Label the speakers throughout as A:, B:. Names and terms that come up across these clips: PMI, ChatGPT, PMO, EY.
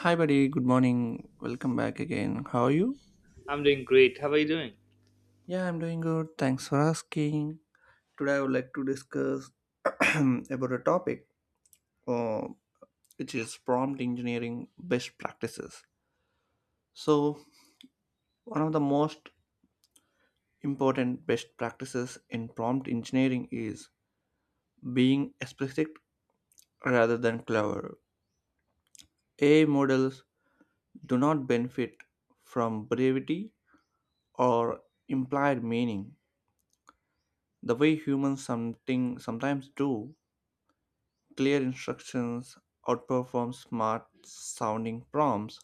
A: Hi, buddy. Good morning. Welcome back again. How are you?
B: I'm doing great. How are you doing?
A: Yeah, I'm doing good. Thanks for asking. Today, I would like to discuss about a topic uh, which is prompt engineering best practices. So, one of the most important best practices in prompt engineering is being explicit rather than clever. AI models do not benefit from brevity or implied meaning the way humans something sometimes do. Clear instructions outperform smart sounding prompts,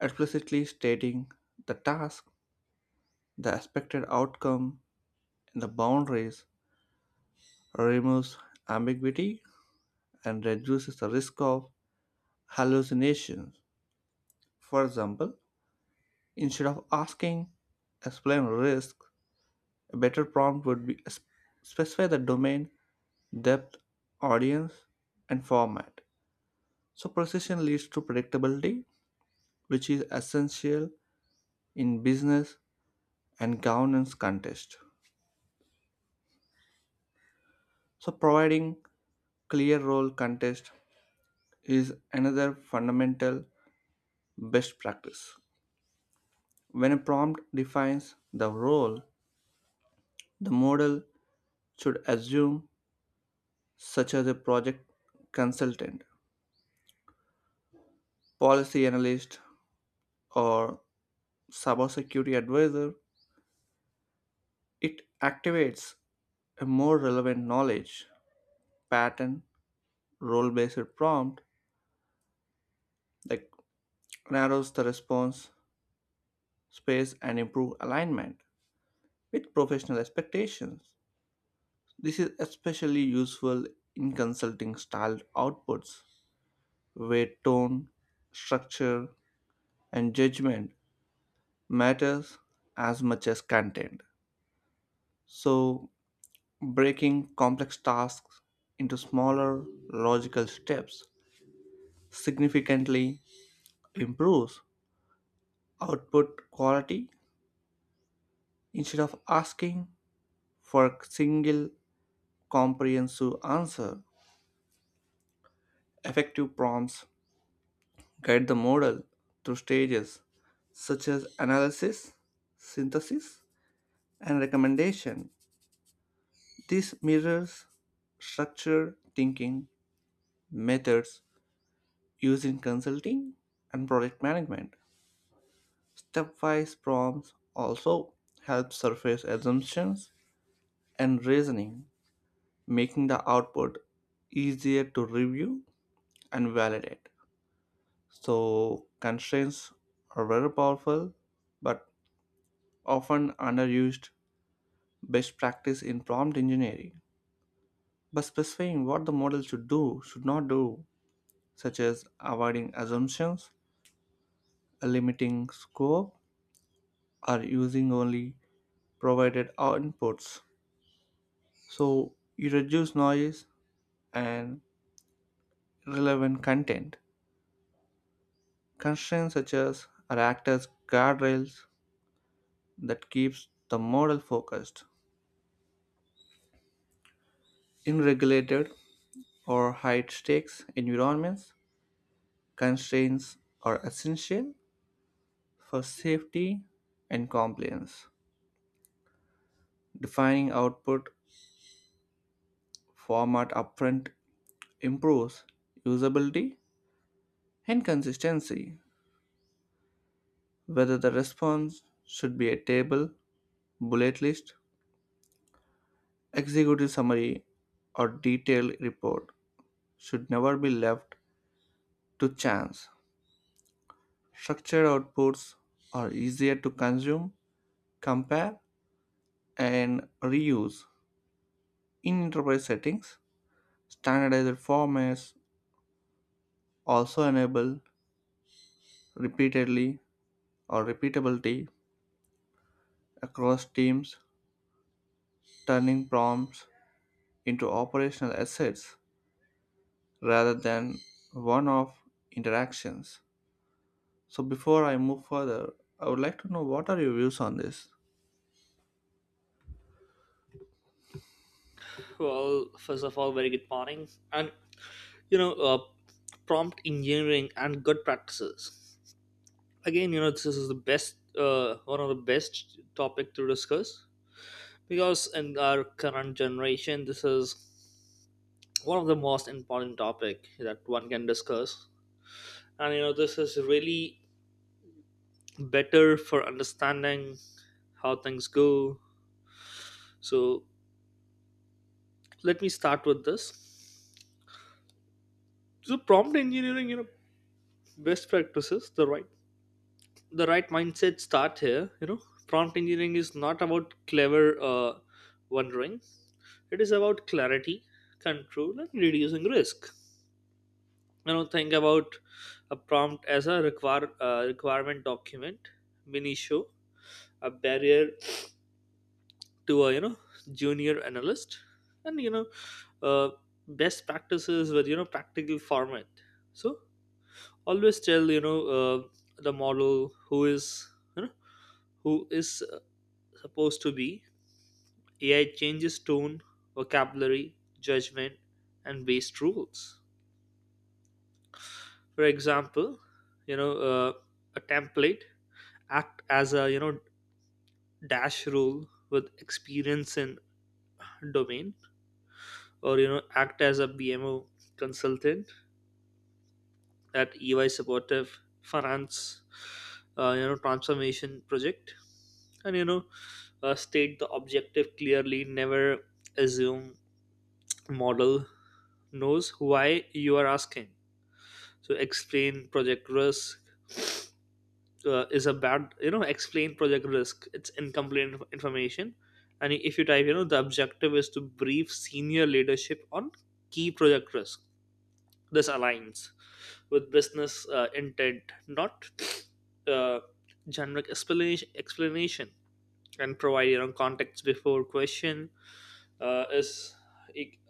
A: explicitly stating the task, the expected outcome, and the boundaries, removes ambiguity, and reduces the risk of hallucinations. For example, instead of asking, explain risk, a better prompt would be specify the domain, depth, audience, and format. So precision leads to predictability, which is essential in business and governance context. So providing clear role context is another fundamental best practice. When a prompt defines the role, the model should assume, such as a project consultant, policy analyst, or cybersecurity advisor. It activates a more relevant knowledge pattern role-based prompt that narrows the response space and improve alignment with professional expectations. This is especially useful in consulting style outputs where tone, structure, and judgment matters as much as content. So, breaking complex tasks into smaller logical steps significantly improves output quality. Instead of asking for a single comprehensive answer, effective prompts guide the model through stages such as analysis, synthesis, and recommendation. This mirrors structure thinking methods used in consulting and project management. Stepwise prompts also help surface assumptions and reasoning, making the output easier to review and validate. So, constraints are very powerful but often underused best practice in prompt engineering. By specifying what the model should do, should not do, such as avoiding assumptions, limiting scope, or using only provided outputs. So you reduce noise and relevant content. Constraints such as are act as guardrails that keeps the model focused. In regulated or high stakes environments, constraints are essential for safety and compliance. Defining output format upfront improves usability and consistency. Whether the response should be a table, bullet list, executive summary, or detailed report should never be left to chance. Structured outputs are easier to consume, compare, and reuse. In enterprise settings, standardized formats also enable repeatedly or repeatability across teams, turning prompts into operational assets rather than one off interactions. So, before I move further, I would like to know what are your views on this?
B: Well, first of all, very good morning. And you know, uh, prompt engineering and good practices. Again, this is the best, one of the best topic to discuss because in our current generation, this is one of the most important topic that one can discuss. And this is really better for understanding how things go. So let me start with this. So prompt engineering, best practices, the right mindset start here. Prompt engineering is not about clever wondering, it is about clarity, control and reducing risk. Think about a prompt as a requirement document, mini show a barrier to a junior analyst. And you know uh, Best practices with practical format. So always tell the model who is you know who is supposed to be. AI changes tone, vocabulary, judgment, and based rules. For example, you know, uh, a template act as a dash rule with experience in domain, or act as a BMO consultant at EY supportive finance, transformation project, and state the objective clearly. Never assume model knows why you are asking. So explain project risk is a bad, explain project risk. It's incomplete information. And if you type, the objective is to brief senior leadership on key project risk. This aligns with business intent, not uh, generic explanation, and provide context before question is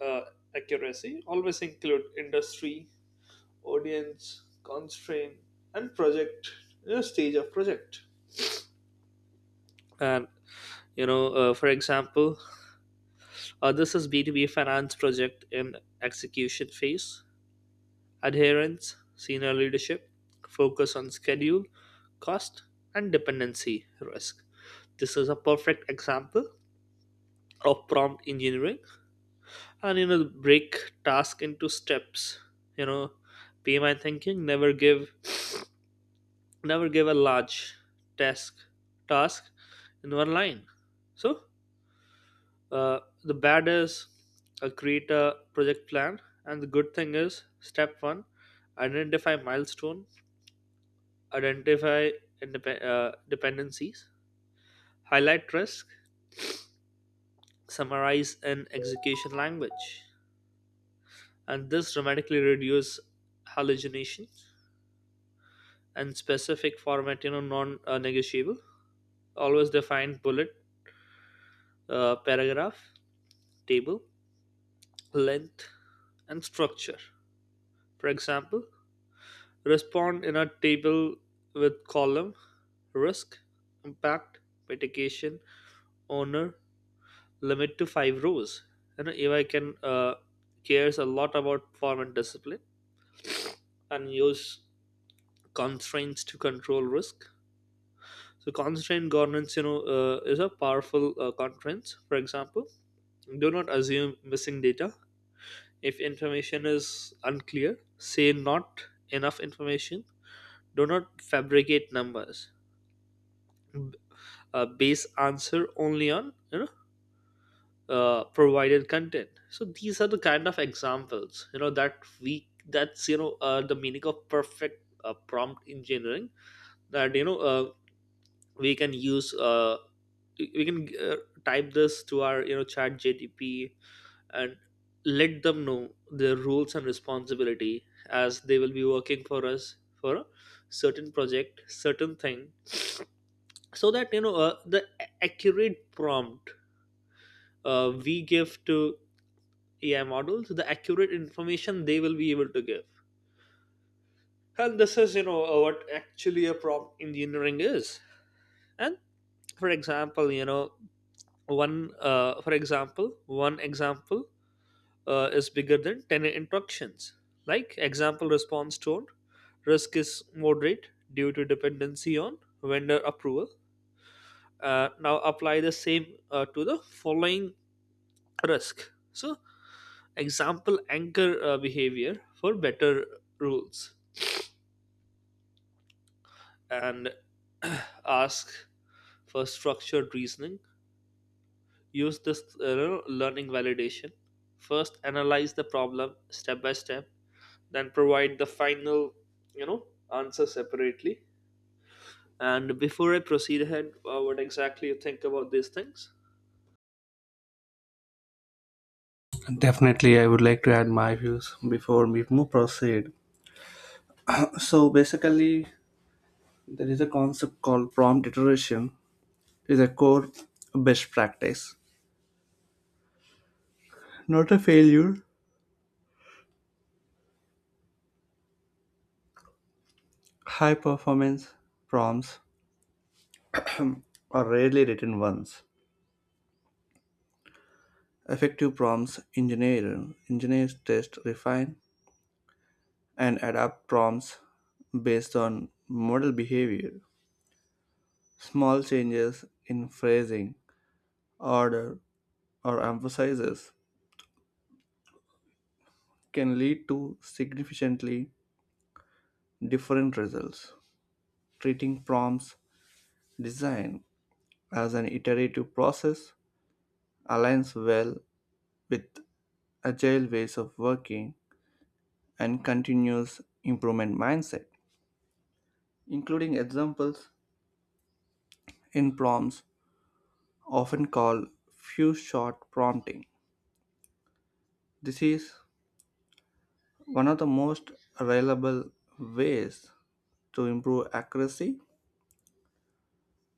B: uh, accuracy. Always include industry, audience, constraint, and project, stage of project. And you know For example, this is B2B finance project in execution phase, adherence senior leadership, focus on schedule, cost and dependency risk. This is a perfect example of prompt engineering. And you know Break task into steps, you know pmi thinking. Never give a large task task in one line. So the bad is create a project plan, and the good thing is step one, identify milestone, identify dependencies, highlight risk, summarize in execution language, and this dramatically reduce hallucination and specific format. You know, non-negotiable. Always define bullet, paragraph, table, length, and structure. For example, respond in a table with column risk, impact, mitigation, owner, limit to five rows. You know, AI can cares a lot about form and discipline and use constraints to control risk. So constraint governance, is a powerful constraint. For example, do not assume missing data. If information is unclear, say not enough information, do not fabricate numbers. B- Base answer only on provided content. So these are the kind of examples, that we that's you know the meaning of perfect prompt engineering, that we can use, we can type this to our chat gtp, and let them know their roles and responsibility as they will be working for us for a certain project, certain thing. So that the accurate prompt we give to ai models, the accurate information they will be able to give. And this is what actually a prompt engineering is. And for example, one example is bigger than 10 instructions, like example response tone: risk is moderate due to dependency on vendor approval. Now apply the same to the following risk. So example anchor behavior for better rules and ask for structured reasoning. Use this learning validation, first analyze the problem step by step, then provide the final, you know answer separately. And before I proceed ahead, what exactly you think about these things?
A: Definitely, I would like to add my views before we move proceed. So basically, there is a concept called prompt iteration. Is a core best practice. Not a failure. High performance prompts are rarely written once. Effective prompts engineers test, refine, and adapt prompts based on model behavior. Small changes in phrasing, order, or emphasis can lead to significantly different results. Treating prompts design as an iterative process aligns well with agile ways of working and continuous improvement mindset, including examples in prompts often called few shot prompting. This is one of the most reliable ways to improve accuracy.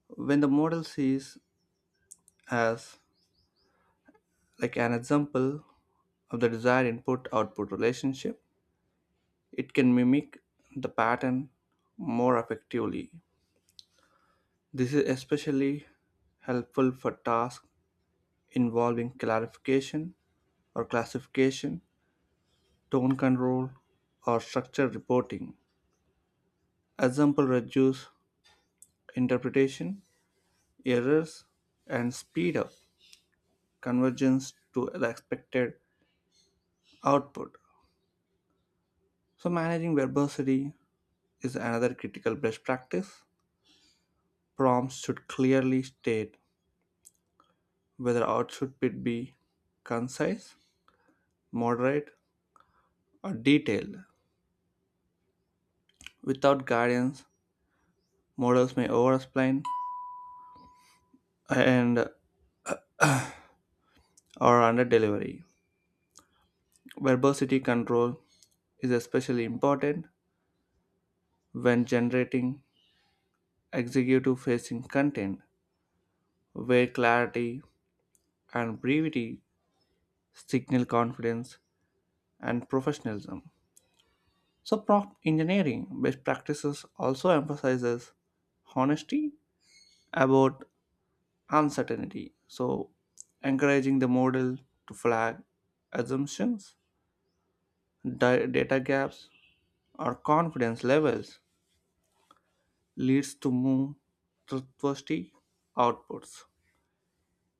A: When the model sees as like an example of the desired input output relationship, it can mimic the pattern more effectively. This is especially helpful for tasks involving clarification or classification, tone control, or structure reporting. Example reduce interpretation, errors, and speed up convergence to the expected output. So, managing verbosity is another critical best practice. Prompts should clearly state whether output should be concise, moderate, or detailed. Without guidance, models may overexplain and or under delivery. Verbosity control is especially important when generating executive facing content where clarity and brevity signal confidence and professionalism. So prompt engineering best practices also emphasizes honesty about uncertainty. So encouraging the model to flag assumptions, data gaps, or confidence levels leads to more trustworthy outputs.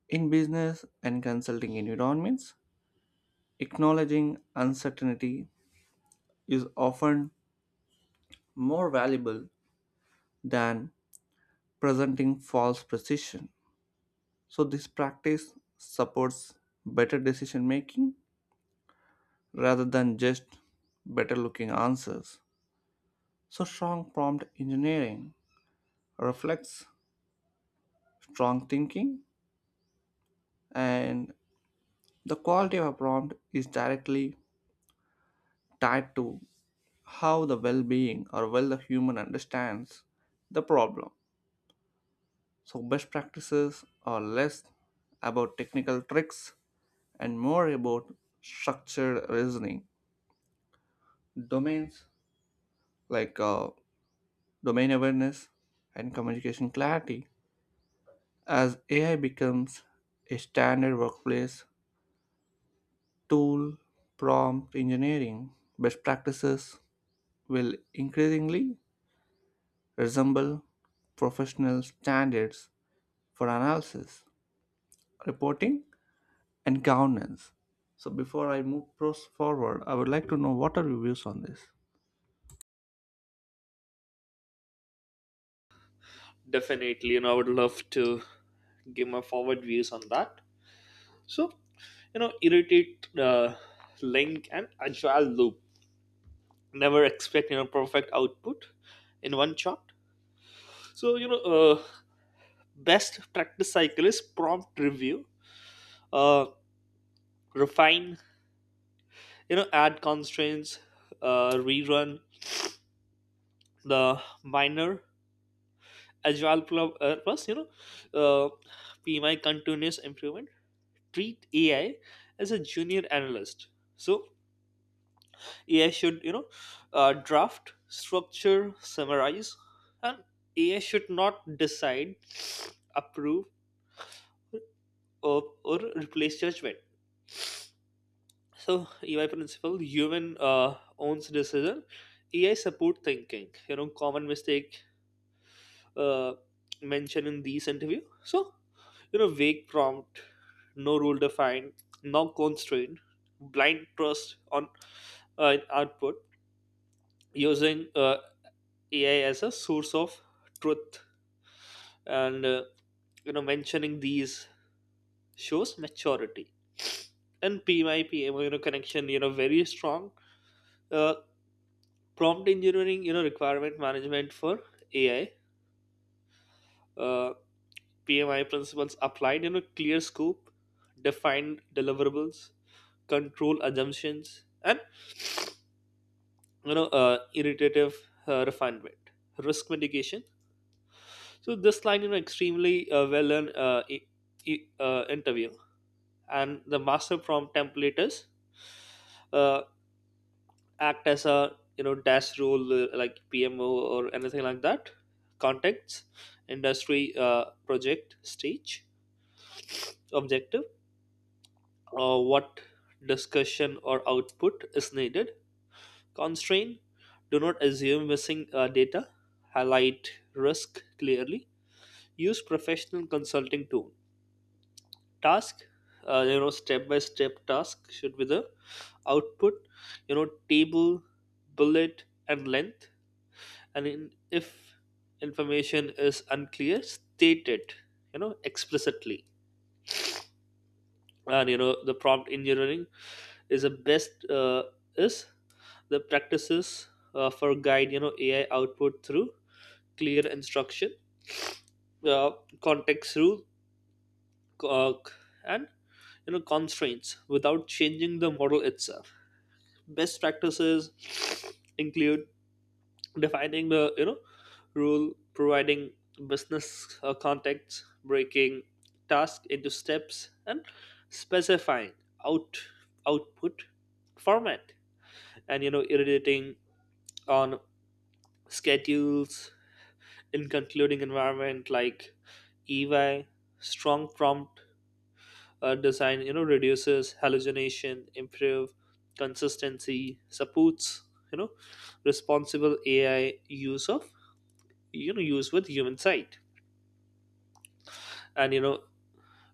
A: In business and consulting environments, acknowledging uncertainty is often more valuable than presenting false precision. So, this practice supports better decision making rather than just better looking answers. So, strong prompt engineering reflects strong thinking, and the quality of a prompt is directly tied to how the well being or well the human understands the problem. So, best practices are less about technical tricks and more about structured reasoning. Domains like domain awareness and communication clarity. As AI becomes a standard workplace tool, prompt engineering best practices will increasingly resemble professional standards for analysis, reporting, and governance. So before I move pros forward, I would like to know what are your views on this?
B: Definitely I would love to give my forward views on that. So irritate link and agile loop, never expect perfect output in one shot. So best practice cycle is prompt review, uh, refine, add constraints, rerun the minor agile plus uh, pmi continuous improvement. Treat ai as a junior analyst. So ai should draft, structure, summarize, and ai should not decide, approve, or replace judgment. So EY principle: human owns decision. AI support thinking. You know, common mistake uh, mentioned in these interview. So vague prompt, no rule defined, no constraint, blind trust on in output, using AI as a source of truth, and mentioning these shows maturity. And PMI, PMO, connection, very strong uh, prompt engineering, requirement management for ai. uh, Pmi principles applied. You know, clear scope, defined deliverables, control assumptions, and iterative refinement, risk mitigation. So this line extremely well in interview. And the master prompt template is uh, act as a dash role like PMO or anything like that. Context, industry, project, stage, objective, what discussion or output is needed. Constraint, do not assume missing data. Highlight risk clearly. Use professional consulting tool. Task, step by step task should be the output. You know, table, bullet, and length. If information is unclear, state it explicitly. And the prompt engineering is the best, is the practices for guide ai output through clear instruction, uh, context rule, uh, and constraints without changing the model itself. Best practices include defining the, rule, providing business context, breaking task into steps and specifying out output format, and iterating on schedules in concluding environment like EY. Strong prompt design reduces hallucination, improve consistency, supports you know responsible ai use of use with human sight. And you know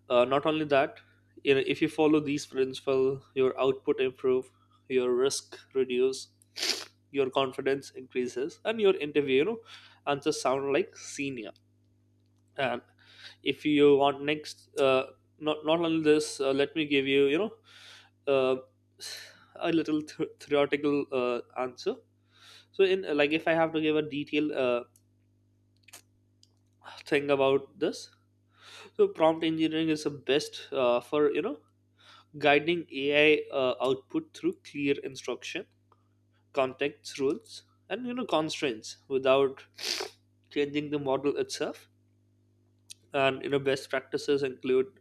B: uh, not only that, if you follow these principle, your output improve, your risk reduce, your confidence increases, and your interview, answers sound like senior. And if you want next, not only this, let me give you, you know uh, a little theoretical answer. So in, like, if I have to give a detailed thing about this. So prompt engineering is the best, for guiding AI output through clear instruction, context rules, and constraints without changing the model itself. And best practices include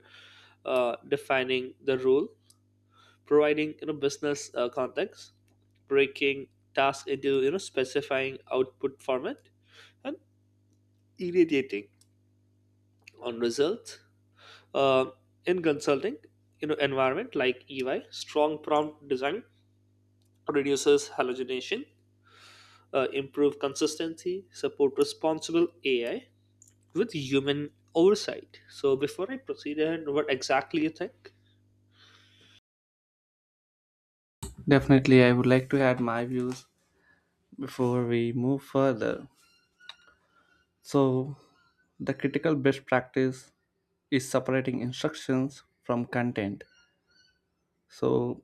B: defining the rule, providing business context, breaking tasks into specifying output format, and irradiating on results. Uh, in consulting, environment like EY, strong prompt design reduces hallucination, improve consistency, support responsible AI with human oversight. So, before I proceed ahead, what exactly you think?
A: Definitely, I would like to add my views before we move further. So, the critical best practice is separating instructions from content. So,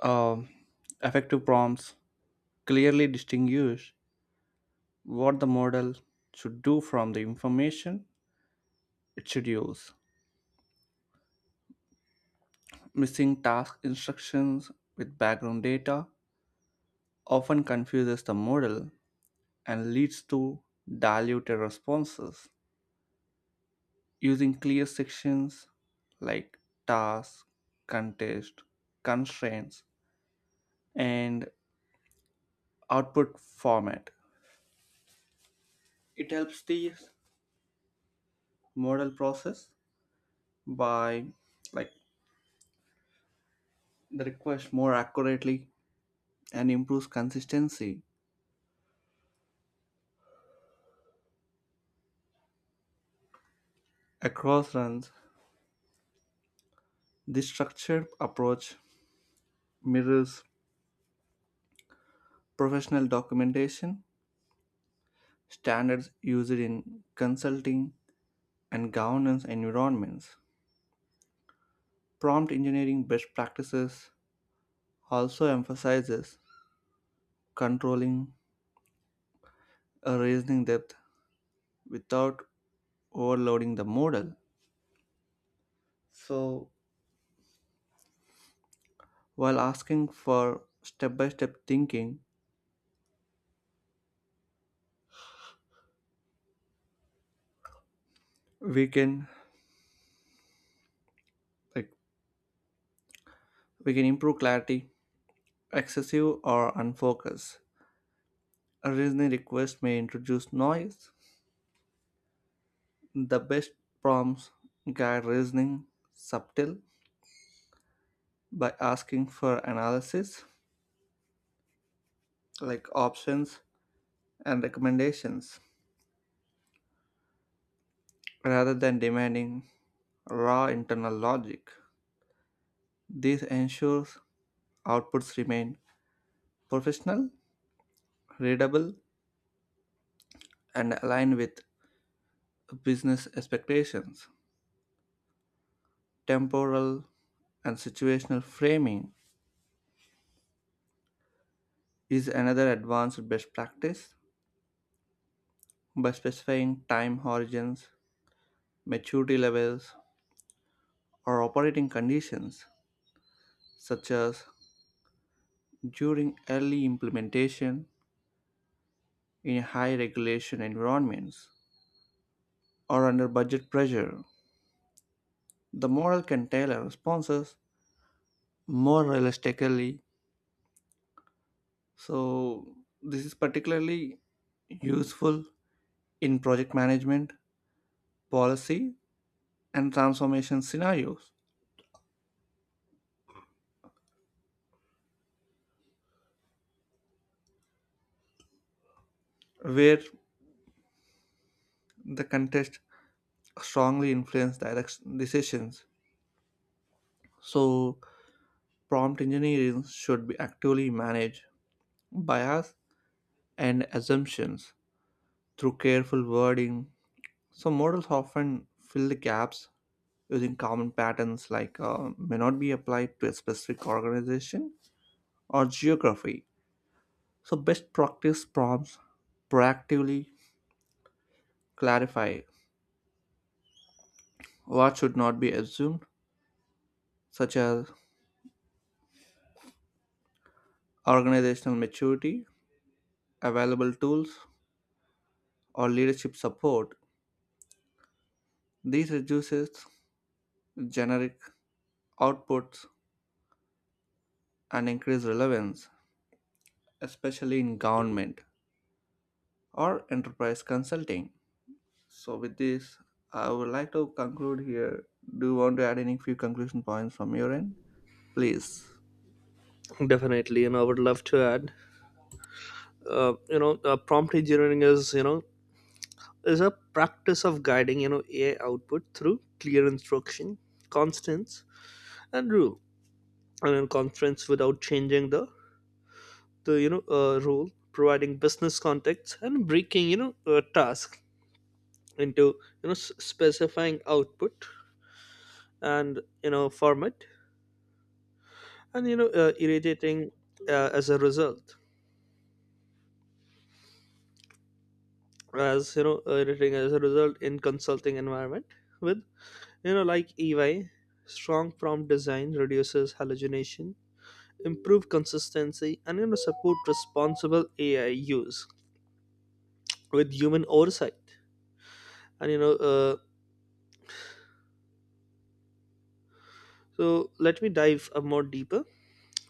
A: um, effective prompts clearly distinguish what the model should do from the information it should use. Missing task instructions with background data often confuses the model and leads to diluted responses. Using clear sections like task, contest, constraints, and output format, it helps the model process by like the request more accurately and improves consistency across runs. This structured approach mirrors professional documentation standards used in consulting and governance environments. Prompt engineering best practices also emphasizes controlling a reasoning depth without overloading the model. So, while asking for step-by-step thinking, we can like we can improve clarity, excessive or unfocused. A reasoning request may introduce noise. The best prompts guide reasoning subtle by asking for analysis like options and recommendations, rather than demanding raw internal logic. This ensures outputs remain professional, readable, and aligned with business expectations. Temporal and situational framing is another advanced best practice. By specifying time horizons, maturity levels, or operating conditions, such as during early implementation in high regulation environments or under budget pressure, the model can tailor responses more realistically. So, this is particularly useful in project management, policy, and transformation scenarios where the context strongly influence direction decisions. So, prompt engineering should be actively managed bias and assumptions through careful wording. So, models often fill the gaps using common patterns like may not be applied to a specific organization or geography. So, best practice prompts proactively clarify what should not be assumed, such as organizational maturity, available tools, or leadership support. This reduces generic outputs and increase relevance, especially in government or enterprise consulting. So with this, I would like to conclude here. Do you want to add any few conclusion points from your end? Please.
B: Definitely, I would love to add. Prompt engineering is is a practice of guiding AI output through clear instruction, constants, and rule, and in constraints without changing the rule, providing business context and breaking task into, specifying output and format, and irritating as a result, as irritating as a result in consulting environment with, like EY, strong prompt design reduces hallucination, improve consistency, and support responsible ai use with human oversight. And you know So let me dive a more deeper.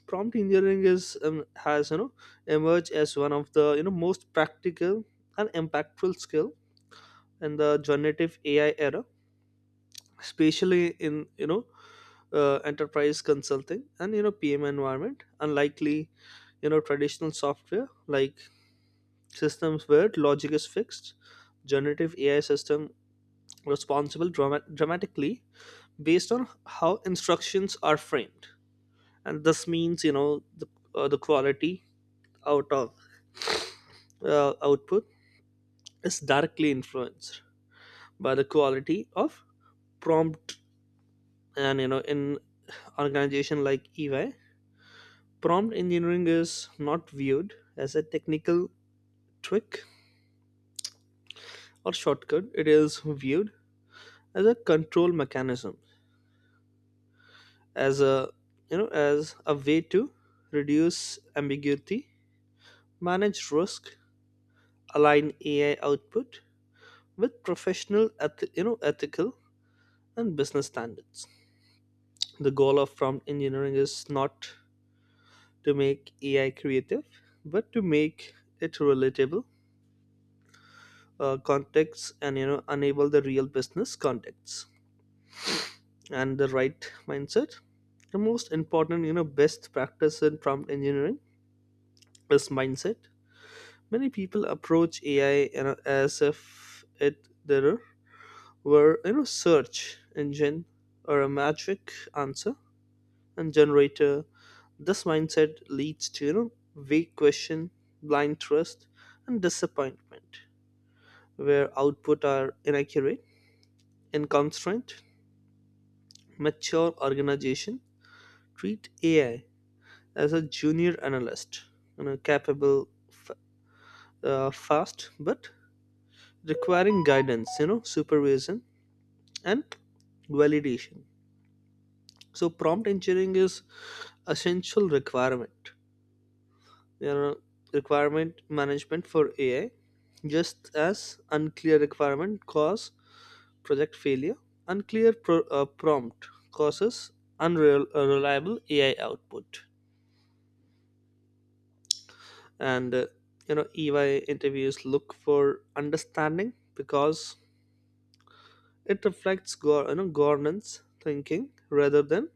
B: Prompt engineering is, has, emerged as one of the, most practical and impactful skill and the generative AI era, especially in enterprise consulting and PM environment. Unlikely traditional software like systems where logic is fixed, generative AI system responsible dramatically based on how instructions are framed, and this means the, the quality out of output is directly influenced by the quality of prompt. And in organization like EY, prompt engineering is not viewed as a technical trick or shortcut. It is viewed as a control mechanism, as a, as a way to reduce ambiguity, manage risk, align AI output with professional, ethical and business standards. The goal of prompt engineering is not to make AI creative, but to make it relatable, context, and enable the real business context, and the right mindset. The most important, best practice in prompt engineering is mindset. Many people approach AI, as if it there were, search engine or a magic answer and generator. This mindset leads to vague question, blind trust, and disappointment, where output are inaccurate and constraint. Mature organization treat AI as a junior analyst, capable, fast, but requiring guidance, supervision and validation. So prompt engineering is essential requirement, you know, requirement management for AI, just as unclear requirement cause project failure, unclear prompt causes unreliable AI output. And you know EY interviews look for understanding because it reflects governance thinking rather than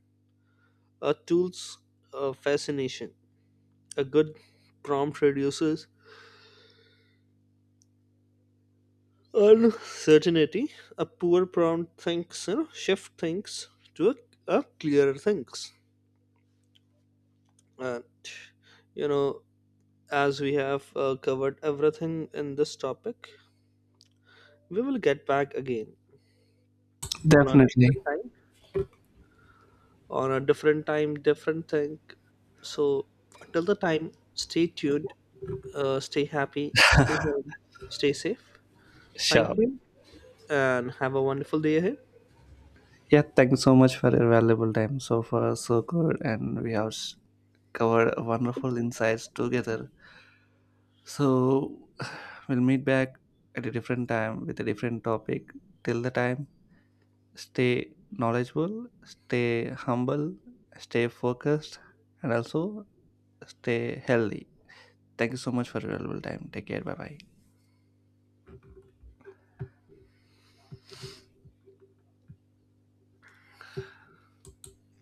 B: a tool's fascination. A good prompt reduces uncertainty, a poor prompt thinks, shift things to a clearer things. And you know as we have covered everything in this topic, we will get back again on a different
A: Definitely.
B: time, different thing. So till the time, stay tuned, stay happy, stay home, stay safe. Thank
A: Sure.
B: you, and have a wonderful day ahead.
A: Yeah, thank you so much for your valuable time. So far, so good, and we have covered wonderful insights together. So, we'll meet back at a different time with a different topic. Till the time, stay knowledgeable, stay humble, stay focused, and also stay healthy. Thank you so much for your valuable time. Take care. Bye bye.